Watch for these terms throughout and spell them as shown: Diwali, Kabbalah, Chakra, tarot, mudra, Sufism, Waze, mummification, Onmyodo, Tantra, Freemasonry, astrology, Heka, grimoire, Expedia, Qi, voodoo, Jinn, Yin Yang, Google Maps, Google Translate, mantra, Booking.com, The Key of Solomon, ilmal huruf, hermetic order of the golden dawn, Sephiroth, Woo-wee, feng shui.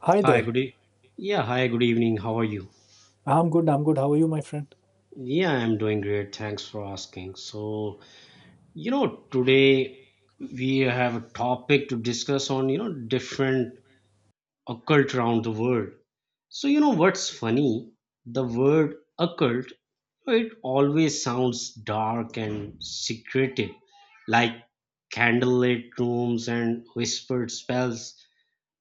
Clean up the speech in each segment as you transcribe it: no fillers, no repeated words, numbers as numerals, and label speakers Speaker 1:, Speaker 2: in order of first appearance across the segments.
Speaker 1: Hi
Speaker 2: Hi,
Speaker 1: there.
Speaker 2: good e- yeah, hi, good evening. How are you?
Speaker 1: I'm good. I'm good. How are you, my friend?
Speaker 2: Yeah, I'm doing great. Thanks for asking. So, today we have a topic to discuss on, different occult around the world. So, you know what's funny? The word occult, it always sounds dark and secretive, like candlelit rooms and whispered spells.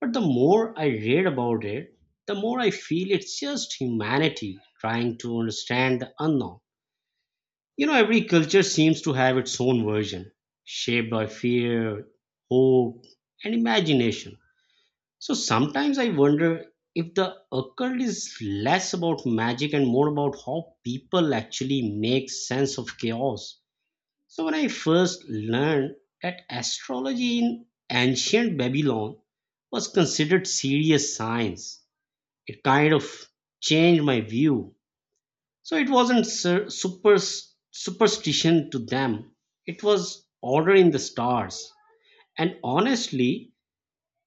Speaker 2: But the more I read about it, the more I feel it's just humanity trying to understand the unknown. You know, every culture seems to have its own version, shaped by fear, hope, and imagination. So sometimes I wonder if the occult is less about magic and more about how people actually make sense of chaos. So, when I first learned that astrology in ancient Babylon was considered serious science, it kind of changed my view. So, it wasn't superstition to them, it was order in the stars. And honestly,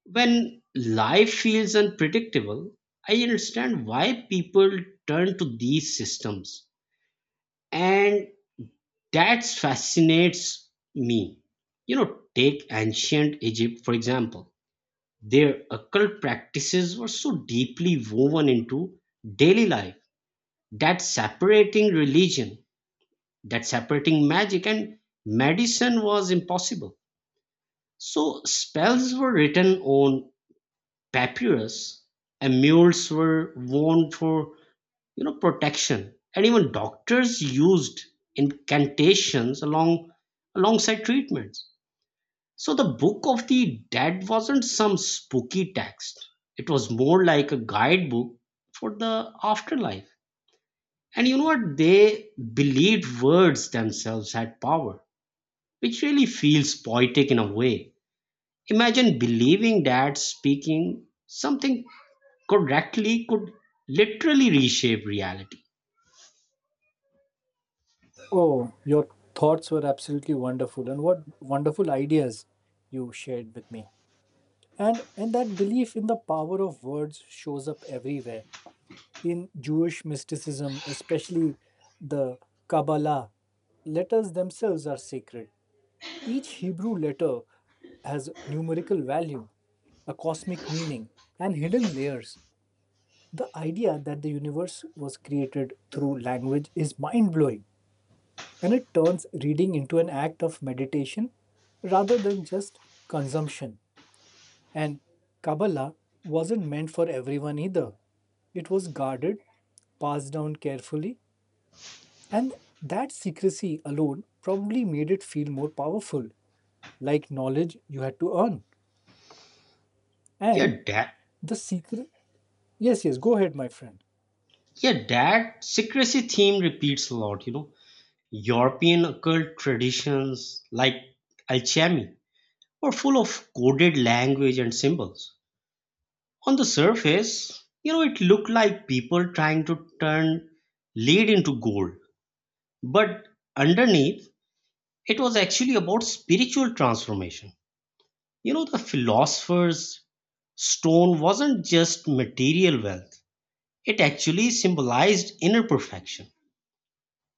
Speaker 2: when life feels unpredictable, I understand why people turn to these systems. And That fascinates me. You know, take ancient Egypt, for example. Their occult practices were so deeply woven into daily life that separating magic and medicine was impossible. So, spells were written on papyrus, amulets were worn for, protection. And even doctors used incantations alongside treatments. So the Book of the Dead wasn't some spooky text. It was more like a guidebook for the afterlife. And you know what? They believed words themselves had power, which really feels poetic in a way. Imagine believing that speaking something correctly could literally reshape reality.
Speaker 1: Oh, your thoughts were absolutely wonderful, and what wonderful ideas you shared with me. And that belief in the power of words shows up everywhere in Jewish mysticism, especially the Kabbalah. Letters themselves are sacred. Each Hebrew letter has numerical value, a cosmic meaning, and hidden layers. The idea that the universe was created through language is mind blowing, and it turns reading into an act of meditation rather than just consumption. And Kabbalah wasn't meant for everyone either. It was guarded, passed down carefully, and that secrecy alone probably made it feel more powerful, like knowledge you had to earn.
Speaker 2: Yeah,
Speaker 1: And
Speaker 2: that
Speaker 1: the secret. Yes, yes, go ahead, my friend.
Speaker 2: yeah, that secrecy theme repeats a lot, European occult traditions like alchemy were full of coded language and symbols. On the surface, it looked like people trying to turn lead into gold. But underneath, it was actually about spiritual transformation. You know, the philosopher's stone wasn't just material wealth, it actually symbolized inner perfection.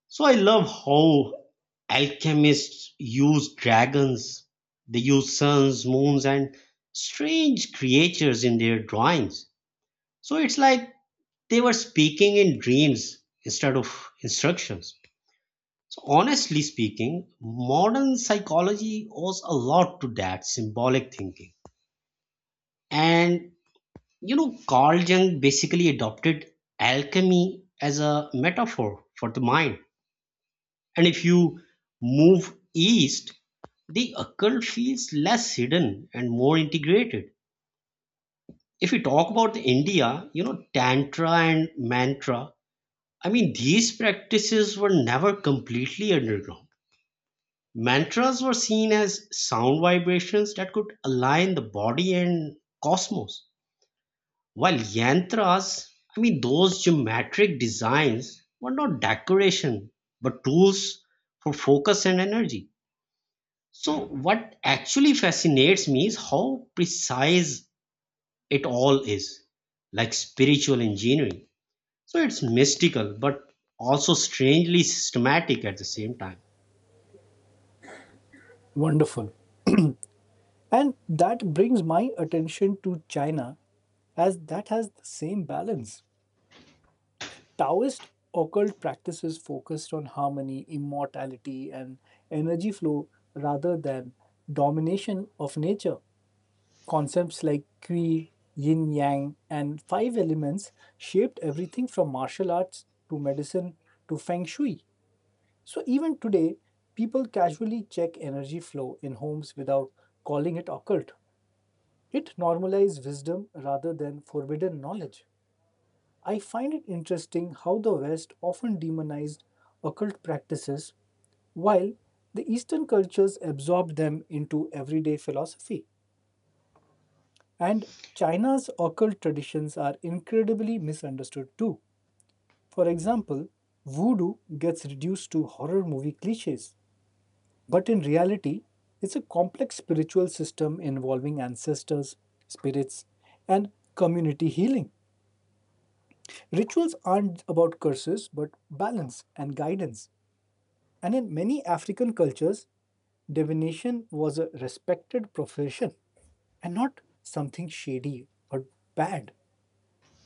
Speaker 2: So I love how alchemists use dragons, they use suns, moons, and strange creatures in their drawings. So it's like they were speaking in dreams instead of instructions. So, honestly speaking, modern psychology owes a lot to that symbolic thinking. And you know, Carl Jung basically adopted alchemy as a metaphor for the mind. And if you move east, the occult feels less hidden and more integrated. If we talk about the India, Tantra and Mantra, I mean, these practices were never completely underground. Mantras were seen as sound vibrations that could align the body and cosmos, while Yantras, I mean, those geometric designs were not decoration but tools for focus and energy. So, what actually fascinates me is how precise it all is, like spiritual engineering. So it's mystical but also strangely systematic at the same time.
Speaker 1: Wonderful. And that brings my attention to China, as that has the same balance. Taoist occult practices focused on harmony, immortality, and energy flow rather than domination of nature. Concepts like Qi, Yin Yang, and five elements shaped everything from martial arts to medicine to feng shui. So, even today, people casually check energy flow in homes without calling it occult. It normalizes wisdom rather than forbidden knowledge. I find it interesting how the West often demonized occult practices while the Eastern cultures absorbed them into everyday philosophy. And China's occult traditions are incredibly misunderstood too. For example, voodoo gets reduced to horror movie cliches, but in reality, it's a complex spiritual system involving ancestors, spirits, and community healing. Rituals aren't about curses, but balance and guidance. And in many African cultures, divination was a respected profession and not something shady or bad.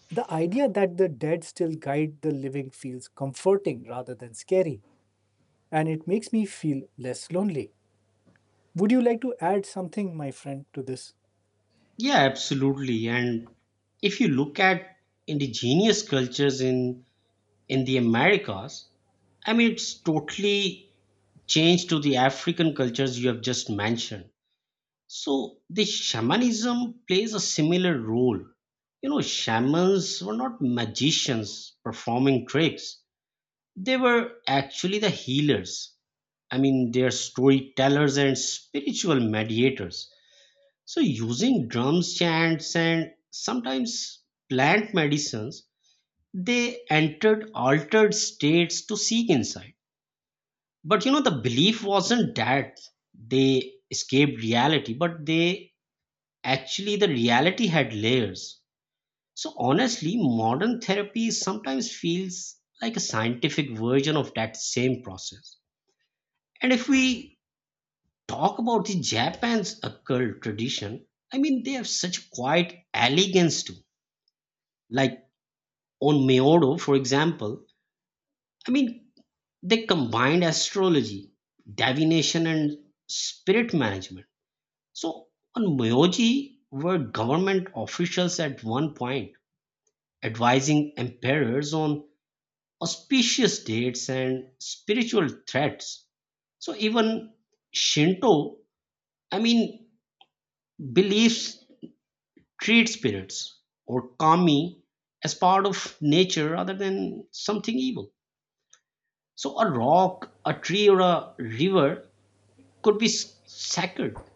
Speaker 1: The idea that the dead still guide the living feels comforting rather than scary, and it makes me feel less lonely. Would you like to add something, my friend, to this?
Speaker 2: Yeah, absolutely. And if you look at indigenous cultures in the Americas, I mean it's totally changed to the African cultures you have just mentioned. So the shamanism plays a similar role. You know, shamans were not magicians performing tricks. They were actually the healers. I mean, they are storytellers and spiritual mediators. So, using drums, chants, and sometimes plant medicines, they entered altered states to seek insight. But you know, the belief wasn't that they escaped reality, but they actually, the reality had layers. So, honestly, modern therapy sometimes feels like a scientific version of that same process. And if we talk about the Japan's occult tradition, I mean they have such quiet elegance too. Like on Meodo, for example, I mean they combined astrology, divination, and spirit management. So on Meoji were government officials at one point advising emperors on auspicious dates and spiritual threats. So even Shinto, I mean, believes treat spirits or kami as part of nature rather than something evil. So a rock, a tree, or a river could be sacred.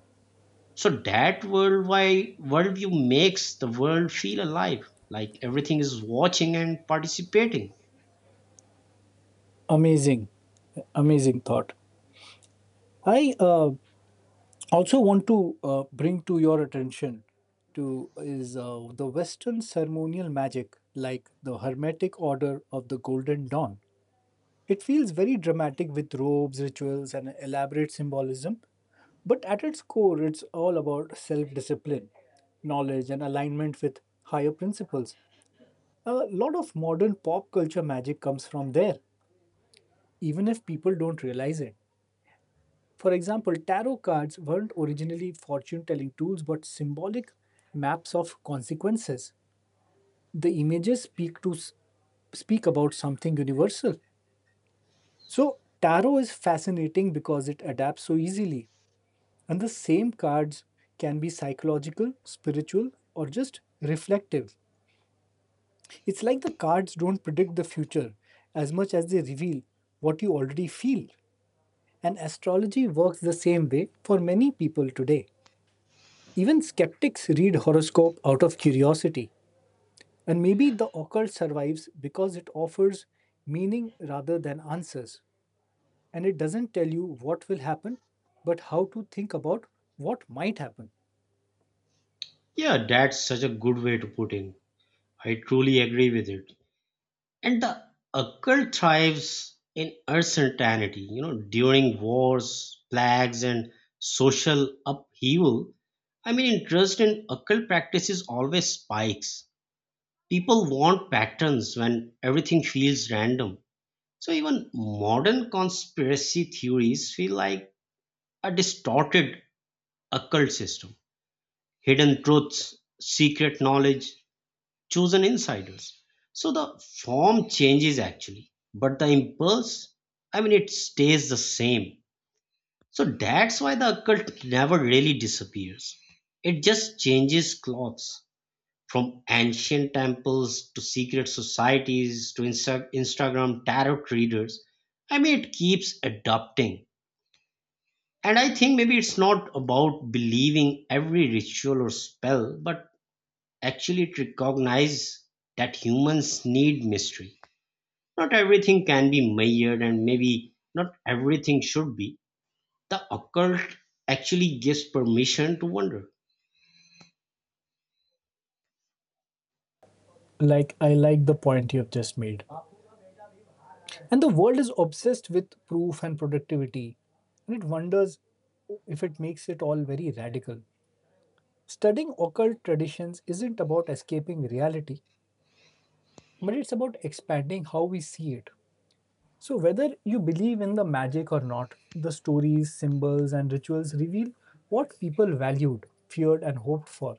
Speaker 2: So that worldwide worldview makes the world feel alive, like everything is watching and participating.
Speaker 1: Amazing, amazing thought. I also want to bring to your attention to is the western ceremonial magic, like the Hermetic Order of the Golden Dawn. It feels very dramatic with robes, rituals, and elaborate symbolism, but at its core it's all about self-discipline, knowledge, and alignment with higher principles. A lot of modern pop culture magic comes from there, even if people don't realize it. For example, tarot cards weren't originally fortune telling tools but symbolic maps of consequences. The images speak about something universal. So, tarot is fascinating because it adapts so easily. And the same cards can be psychological, spiritual, or just reflective. It's like the cards don't predict the future as much as they reveal what you already feel. And astrology works the same way for many people today. Even skeptics read horoscope out of curiosity, and maybe the occult survives because it offers meaning rather than answers, and it doesn't tell you what will happen, but how to think about what might happen.
Speaker 2: Yeah, that's such a good way to put in. I truly agree with it. And the occult thrives in uncertainty. You know, during wars, plagues, and social upheaval, I mean, interest in occult practices always spikes. People want patterns when everything feels random. So even modern conspiracy theories feel like a distorted occult system. Hidden truths, secret knowledge, chosen insiders. So the form changes actually, but the impulse, I mean, it stays the same. So that's why the occult never really disappears. It just changes clothes from ancient temples to secret societies to Instagram tarot readers. I mean, it keeps adapting. And I think maybe it's not about believing every ritual or spell, but actually it recognizes that humans need mystery. Not everything can be measured, and maybe not everything should be. The occult actually gives permission to wonder.
Speaker 1: Like, I like the point you have just made. And the world is obsessed with proof and productivity, and it wonders if it makes it all very radical. Studying occult traditions isn't about escaping reality, but it's about expanding how we see it. So, whether you believe in the magic or not, the stories, symbols, and rituals reveal what people valued, feared, and hoped for.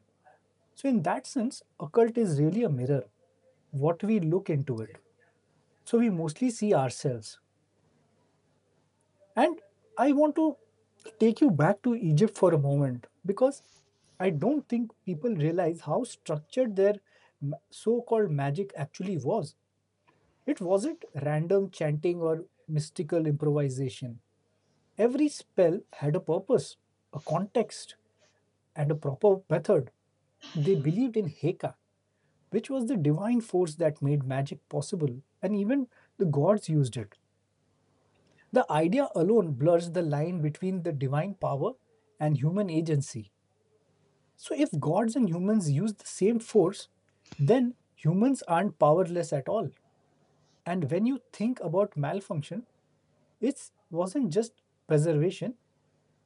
Speaker 1: So, in that sense, occult is really a mirror, what we look into it. So, we mostly see ourselves. And I want to take you back to Egypt for a moment because I don't think people realize how structured their so called magic actually was. It wasn't random chanting or mystical improvisation. Every spell had a purpose, a context, and a proper method. They believed in Heka, which was the divine force that made magic possible, and even the gods used it. The idea alone blurs the line between the divine power and human agency. So, if gods and humans use the same force, then humans aren't powerless at all. And when you think about malfunction, it wasn't just preservation,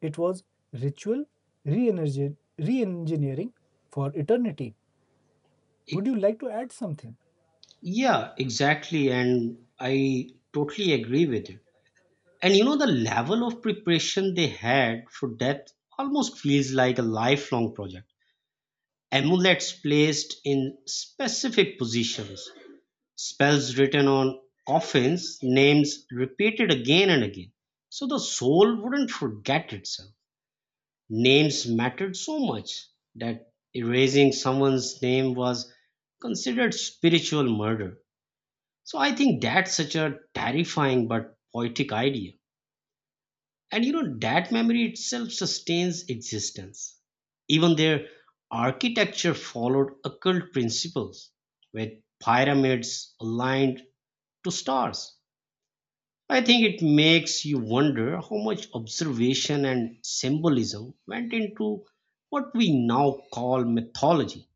Speaker 1: it was ritual re engineering for eternity.
Speaker 2: It,
Speaker 1: Would you like to add something?
Speaker 2: yeah, exactly. And I totally agree with you. And you know, the level of preparation they had for death almost feels like a lifelong project. Amulets placed in specific positions, spells written on coffins, names repeated again and again. So the soul wouldn't forget itself. Names mattered so much that erasing someone's name was considered spiritual murder. So I think that's such a terrifying but poetic idea. And you know, that memory itself sustains existence. Even their architecture followed occult principles, with pyramids aligned to stars. I think it makes you wonder how much observation and symbolism went into what we now call mythology.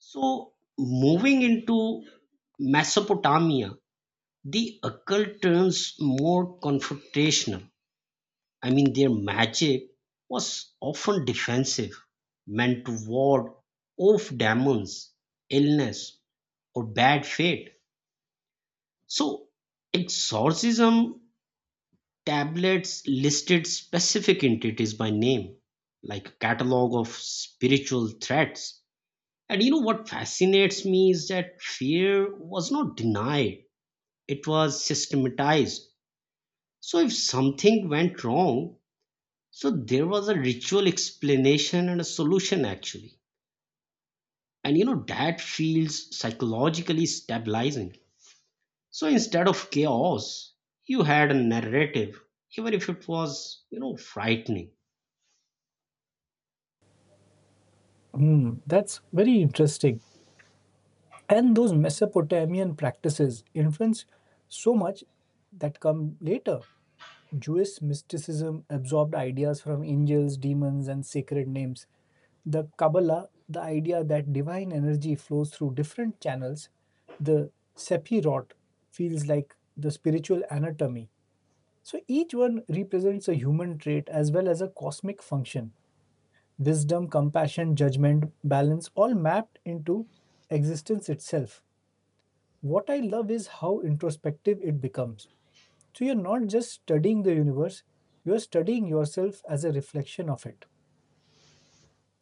Speaker 2: So, moving into Mesopotamia, the occult turns more confrontational. I mean, their magic was often defensive, meant to ward off demons, illness, or bad fate. So, exorcism tablets listed specific entities by name, like a catalog of spiritual threats. And you know what fascinates me is that fear was not denied, it was systematized. So if something went wrong, so there was a ritual explanation and a solution actually. And you know, that feels psychologically stabilizing. So instead of chaos, you had a narrative, even if it was, frightening.
Speaker 1: Hmm, that's very interesting. And those Mesopotamian practices influenced so much that come later. Jewish mysticism absorbed ideas from angels, demons, and sacred names. The Kabbalah, the idea that divine energy flows through different channels, the Sephiroth, feels like the spiritual anatomy. So each one represents a human trait as well as a cosmic function. Wisdom, compassion, judgment, balance all mapped into existence itself. What I love is how introspective it becomes. So you're not just studying the universe, you're studying yourself as a reflection of it.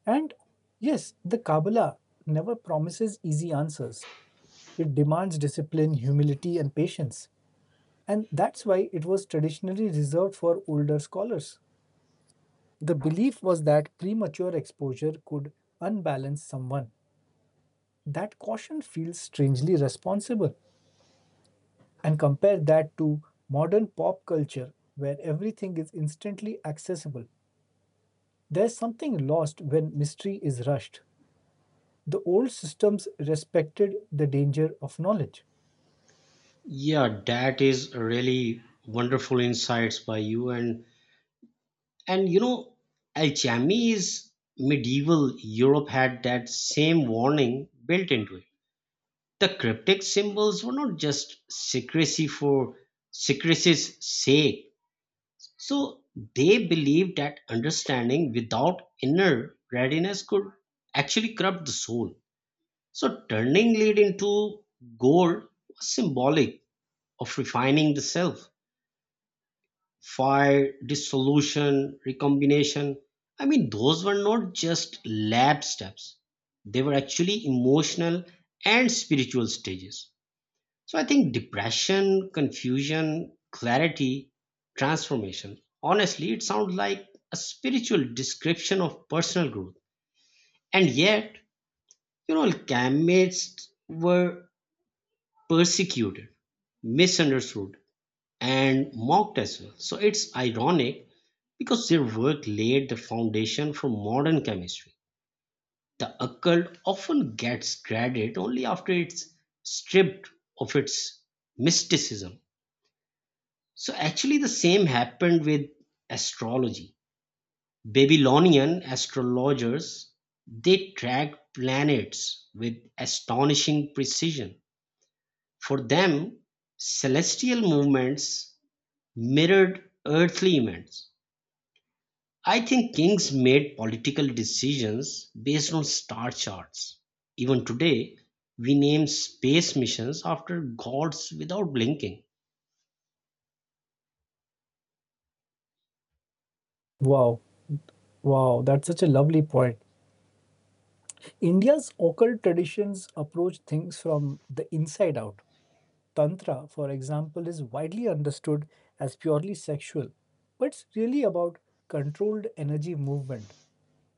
Speaker 1: And yes, the Kabbalah never promises easy answers. It demands discipline, humility, and patience. And that's why it was traditionally reserved for older scholars. The belief was that premature exposure could unbalance someone. That caution feels strangely responsible. And compare that to modern pop culture where everything is instantly accessible. There's something lost when mystery is rushed. The old systems respected the danger of knowledge.
Speaker 2: Yeah, that is really wonderful insights by you. And you know, alchemy is medieval Europe had that same warning built into it. The cryptic symbols were not just secrecy for secrecy's sake. So they believed that understanding without inner readiness could actually corrupt the soul. So turning lead into gold was symbolic of refining the self. Fire, dissolution, recombination. I mean, those were not just lab steps, they were actually emotional and spiritual stages. So I think depression, confusion, clarity, transformation. Honestly, it sounds like a spiritual description of personal growth. And yet, you know, alchemists were persecuted, misunderstood, and mocked as well. So it's ironic because their work laid the foundation for modern chemistry. The occult often gets credit only after it's stripped of its mysticism. So actually, the same happened with astrology. Babylonian astrologers, they tracked planets with astonishing precision. For them, celestial movements mirrored earthly events. I think kings made political decisions based on star charts. Even today, we name space missions after gods without blinking.
Speaker 1: Wow, wow, that's such a lovely point. India's occult traditions approach things from the inside out. Tantra, for example, is widely understood as purely sexual, but it's really about controlled energy movement.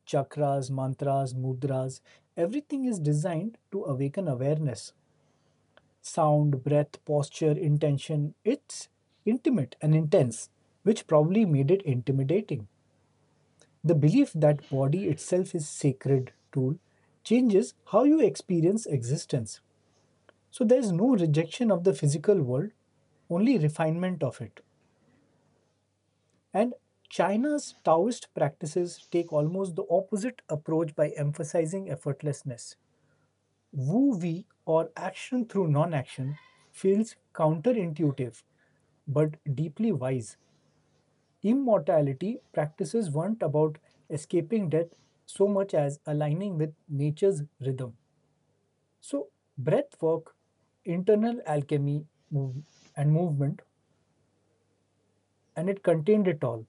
Speaker 1: Chakras, mantras, mudras, everything is designed to awaken awareness. Sound, breath, posture, intention. It's intimate and intense, which probably made it intimidating. The belief that body itself is sacred tool changes how you experience existence. So there's no rejection of the physical world, only refinement of it. And China's Taoist practices take almost the opposite approach by emphasizing effortlessness. Woo-wee, or action through non-action, feels counterintuitive but deeply wise. Immortality practices weren't about escaping death so much as aligning with nature's rhythm. So, breath work, internal alchemy, and movement, and it contained it all.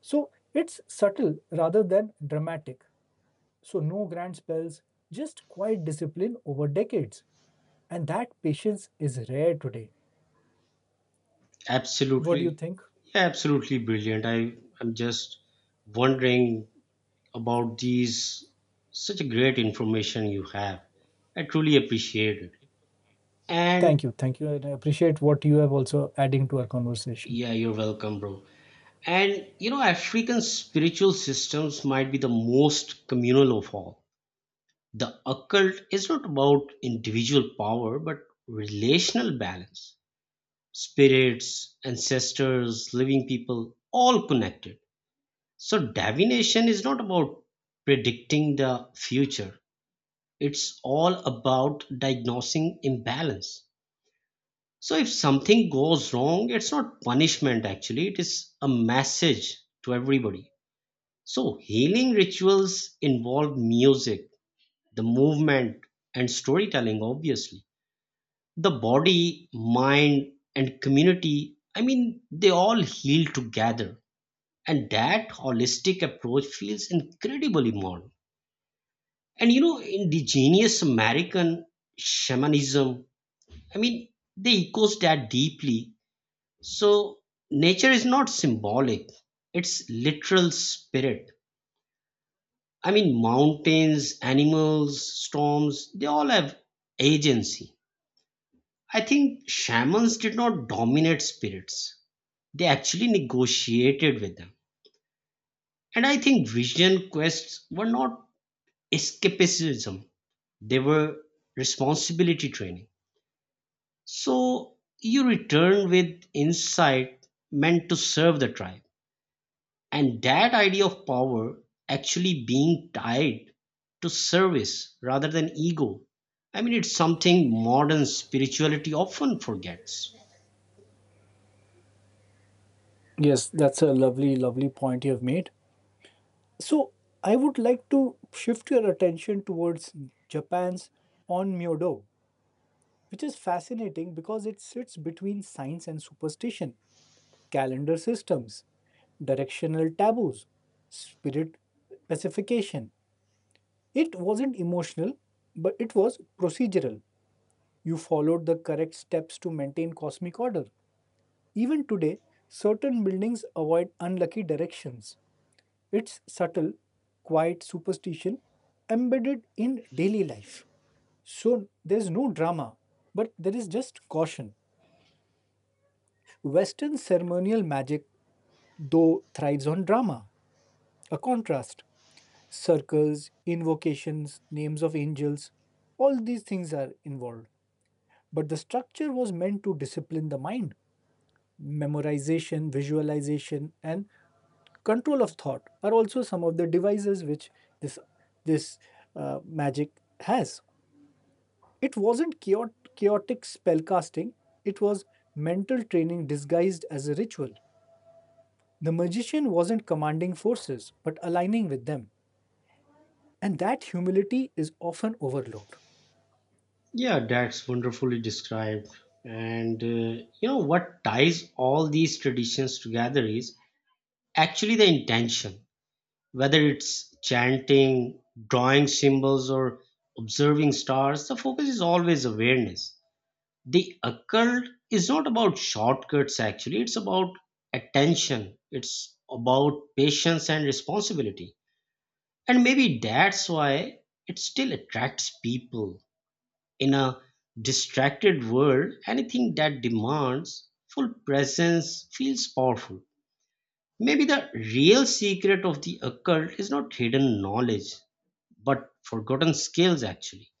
Speaker 1: So, it's subtle rather than dramatic. So, no grand spells, just quiet discipline over decades. And that patience is rare today. What do you
Speaker 2: Absolutely,
Speaker 1: think?
Speaker 2: yeah, absolutely brilliant. I am just wondering about these, such a great information you have. I truly appreciate it. And
Speaker 1: Thank you. Thank you. And I appreciate what you have also adding to our conversation.
Speaker 2: yeah, you're welcome, bro. And you know, African spiritual systems might be the most communal of all. The occult is not about individual power, but relational balance. Spirits, ancestors, living people, all connected. So, divination is not about predicting the future, it's all about diagnosing imbalance. So, if something goes wrong, it's not punishment actually, it is a message to everybody. So, healing rituals involve music, the movement, and storytelling, obviously the body, mind, and community, I mean, they all heal together. And that holistic approach feels incredibly modern. And you know, indigenous American shamanism, I mean, they echoes that deeply. So, nature is not symbolic, it's literal spirit. I mean, mountains, animals, storms, they all have agency. I think shamans did not dominate spirits, they actually negotiated with them. And I think vision quests were not escapism, they were responsibility training. So you return with insight meant to serve the tribe. And that idea of power actually being tied to service rather than ego. I mean, it's something modern spirituality often forgets.
Speaker 1: Yes, that's a lovely, lovely point you have made. So, I would like to shift your attention towards Japan's Onmyodo, which is fascinating because it sits between science and superstition, calendar systems, directional taboos, spirit pacification. It wasn't emotional, but it was procedural. You followed the correct steps to maintain cosmic order. Even today, certain buildings avoid unlucky directions. It's subtle, quiet superstition embedded in daily life. So there's no drama, but there is just caution. Western ceremonial magic, though, thrives on drama, a contrast. Circles, invocations, names of angels, all these things are involved. But the structure was meant to discipline the mind. Memorization, visualization, and control of thought are also some of the devices which this this magic has. It wasn't chaotic spellcasting; it was mental training disguised as a ritual. The magician wasn't commanding forces, but aligning with them, and that humility is often overlooked.
Speaker 2: Yeah, that's wonderfully described. And you know what ties all these traditions together is actually the intention, whether it's chanting, drawing symbols, or observing stars, the focus is always awareness. The occult is not about shortcuts, actually, it's about attention, it's about patience and responsibility. And maybe that's why it still attracts people in a distracted world, anything that demands full presence feels powerful. Maybe the real secret of the occult is not hidden knowledge, but forgotten skills actually.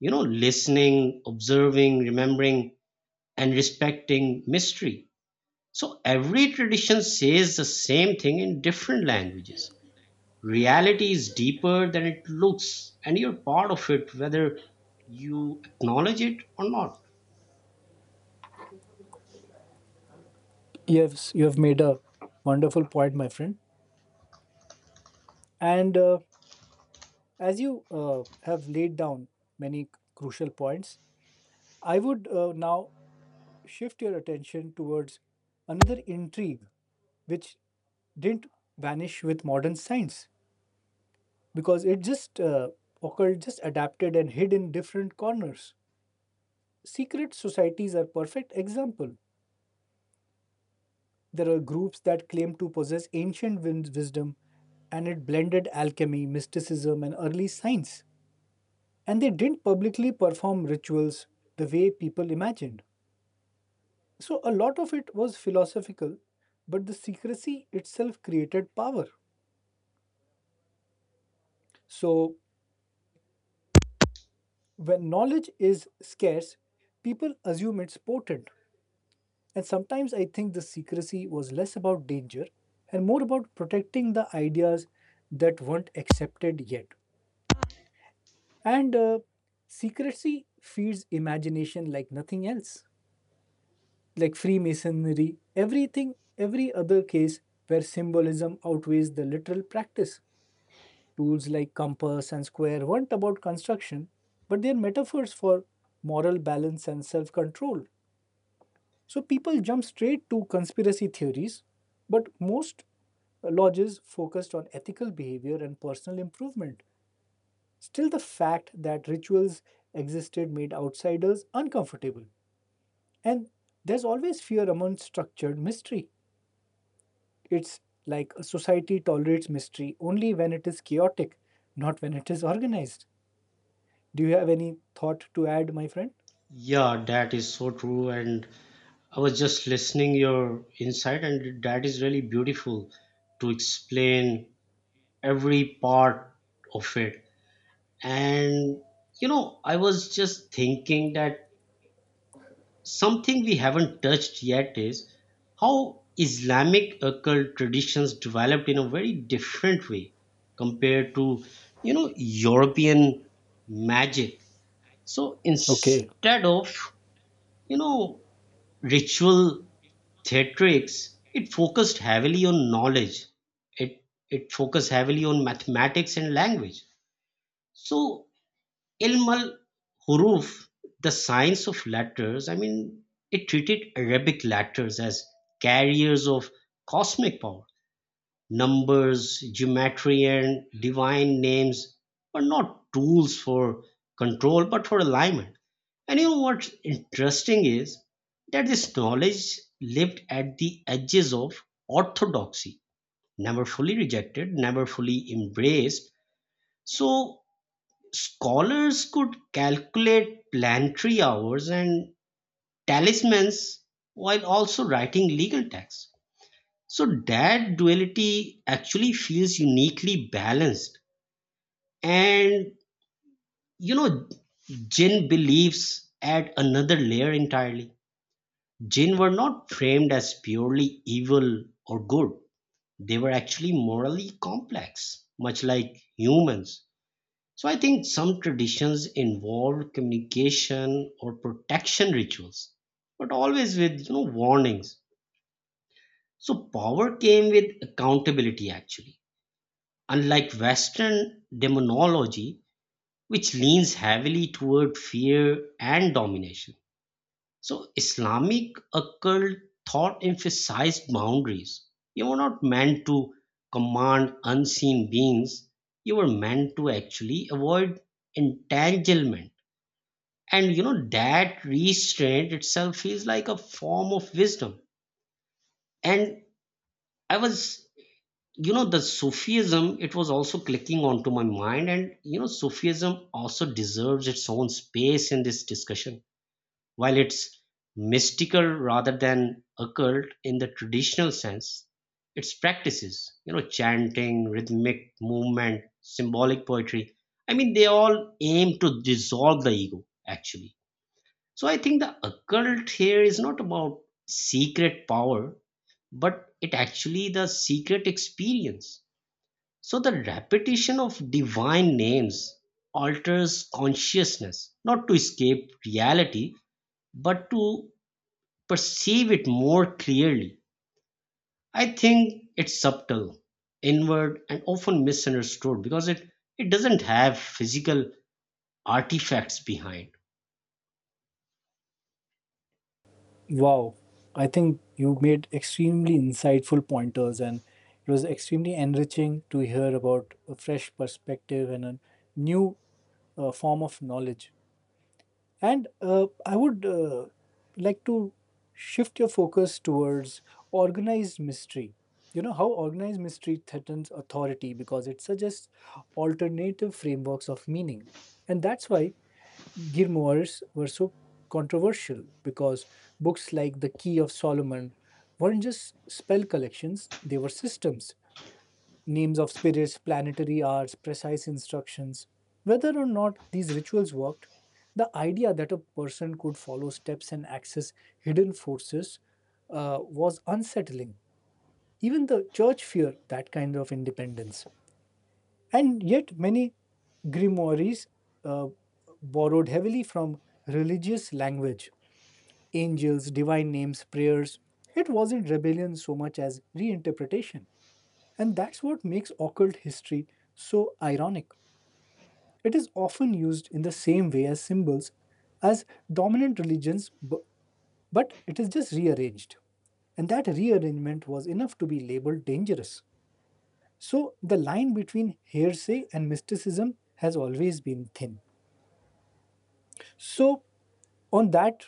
Speaker 2: You know, listening, observing, remembering, and respecting mystery. So every tradition says the same thing in different languages. Reality is deeper than it looks, and you're part of it whether you acknowledge it or not.
Speaker 1: Yes, you have made a wonderful point, my friend. And As you have laid down many crucial points, I would now shift your attention towards another intrigue which didn't vanish with modern science because it just occurred, just adapted and hid in different corners. Secret societies are perfect example. There are groups that claim to possess ancient wisdom, and it blended alchemy, mysticism, and early science. And they didn't publicly perform rituals the way people imagined. So a lot of it was philosophical, but the secrecy itself created power. So when knowledge is scarce, people assume it's potent. And sometimes I think the secrecy was less about danger and more about protecting the ideas that weren't accepted yet. And Secrecy feeds imagination like nothing else. Like Freemasonry, everything, every other case where symbolism outweighs the literal practice. Tools like compass and square weren't about construction, but they're metaphors for moral balance and self control. So people jump straight to conspiracy theories, but most lodges focused on ethical behavior and personal improvement. Still, the fact that rituals existed made outsiders uncomfortable. And there's always fear among structured mystery. It's like a society tolerates mystery only when it is chaotic, not when it is organized. Do you have any thought to add, my friend?
Speaker 2: Yeah, that is so true. And I was just listening your insight, and that is really beautiful to explain every part of it. And you know, I was just thinking that something we haven't touched yet is how Islamic occult traditions developed in a very different way compared to European magic. So
Speaker 1: Okay.
Speaker 2: instead of you know ritual theatrics, it focused heavily on knowledge, it focused heavily on mathematics and language. So ilmal huruf, the science of letters, I mean, it treated Arabic letters as carriers of cosmic power. Numbers, geometry, and divine names were not tools for control but for alignment. And you know what's interesting is that this knowledge lived at the edges of orthodoxy, never fully rejected, never fully embraced. So scholars could calculate planetary hours and talismans while also writing legal texts. So that duality actually feels uniquely balanced. And you know, Jin believes add another layer entirely. Jinn were not framed as purely evil or good. They were actually morally complex, much like humans. So I think some traditions involve communication or protection rituals, but always with, warnings. So power came with accountability actually. Unlike Western demonology, which leans heavily toward fear and domination. So Islamic occult thought emphasized boundaries. You were not meant to command unseen beings. You were meant to actually avoid entanglement. And you know that restraint itself is like a form of wisdom. And I was, the Sufism, it was also clicking onto my mind. And you know, Sufism also deserves its own space in this discussion. While it's mystical rather than occult in the traditional sense, its practices, chanting, rhythmic movement, symbolic poetry, I mean, they all aim to dissolve the ego, actually. So I think the occult here is not about secret power, but it actually the secret experience. So the repetition of divine names alters consciousness, not to escape reality, but to perceive it more clearly. I think it's subtle, inward, and often misunderstood because it doesn't have physical artifacts behind.
Speaker 1: Wow. I think you made extremely insightful pointers, and it was extremely enriching to hear about a fresh perspective and a new form of knowledge. And I would like to shift your focus towards organized mystery. You know how organized mystery threatens authority because it suggests alternative frameworks of meaning. And that's why grimoires were so controversial because books like The Key of Solomon weren't just spell collections, they were systems, names of spirits, planetary hours, precise instructions. Whether or not these rituals worked, the idea that a person could follow steps and access hidden forces was unsettling. Even the church feared that kind of independence. And yet, many grimoires uh, borrowed heavily from religious language, angels, divine names, prayers. It wasn't rebellion so much as reinterpretation. And that's what makes occult history so ironic. It is often used in the same way as symbols, as dominant religions, but it is just rearranged. And that rearrangement was enough to be labeled dangerous. So the line between hearsay and mysticism has always been thin. So, on that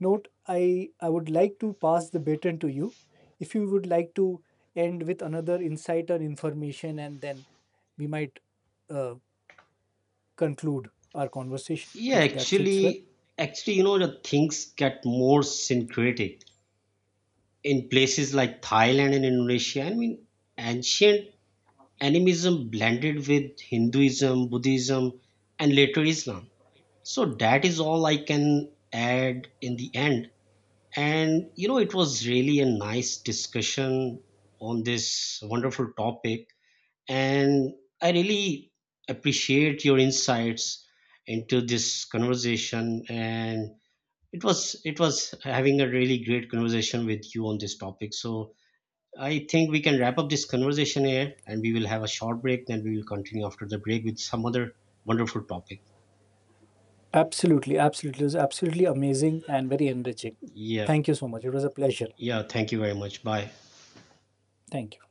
Speaker 1: note, I would like to pass the baton to you. If you would like to end with another insight or information, and then we might uh, conclude our conversation
Speaker 2: Yeah,
Speaker 1: if that fits well.
Speaker 2: actually, actually, you know, the things get more syncretic in places like Thailand and Indonesia. I mean, ancient animism blended with Hinduism, Buddhism, and later Islam. So that is all I can add in the end. And you know, it was really a nice discussion on this wonderful topic. And I really appreciate your insights into this conversation. And it was having a really great conversation with you on this topic. So I think we can wrap up this conversation here and we will have a short break, then we will continue after the break with some other wonderful topic.
Speaker 1: Absolutely, absolutely. It was absolutely amazing and very enriching.
Speaker 2: Yeah.
Speaker 1: Thank you so much. It was a pleasure.
Speaker 2: Yeah. Thank you very much. Bye.
Speaker 1: Thank you.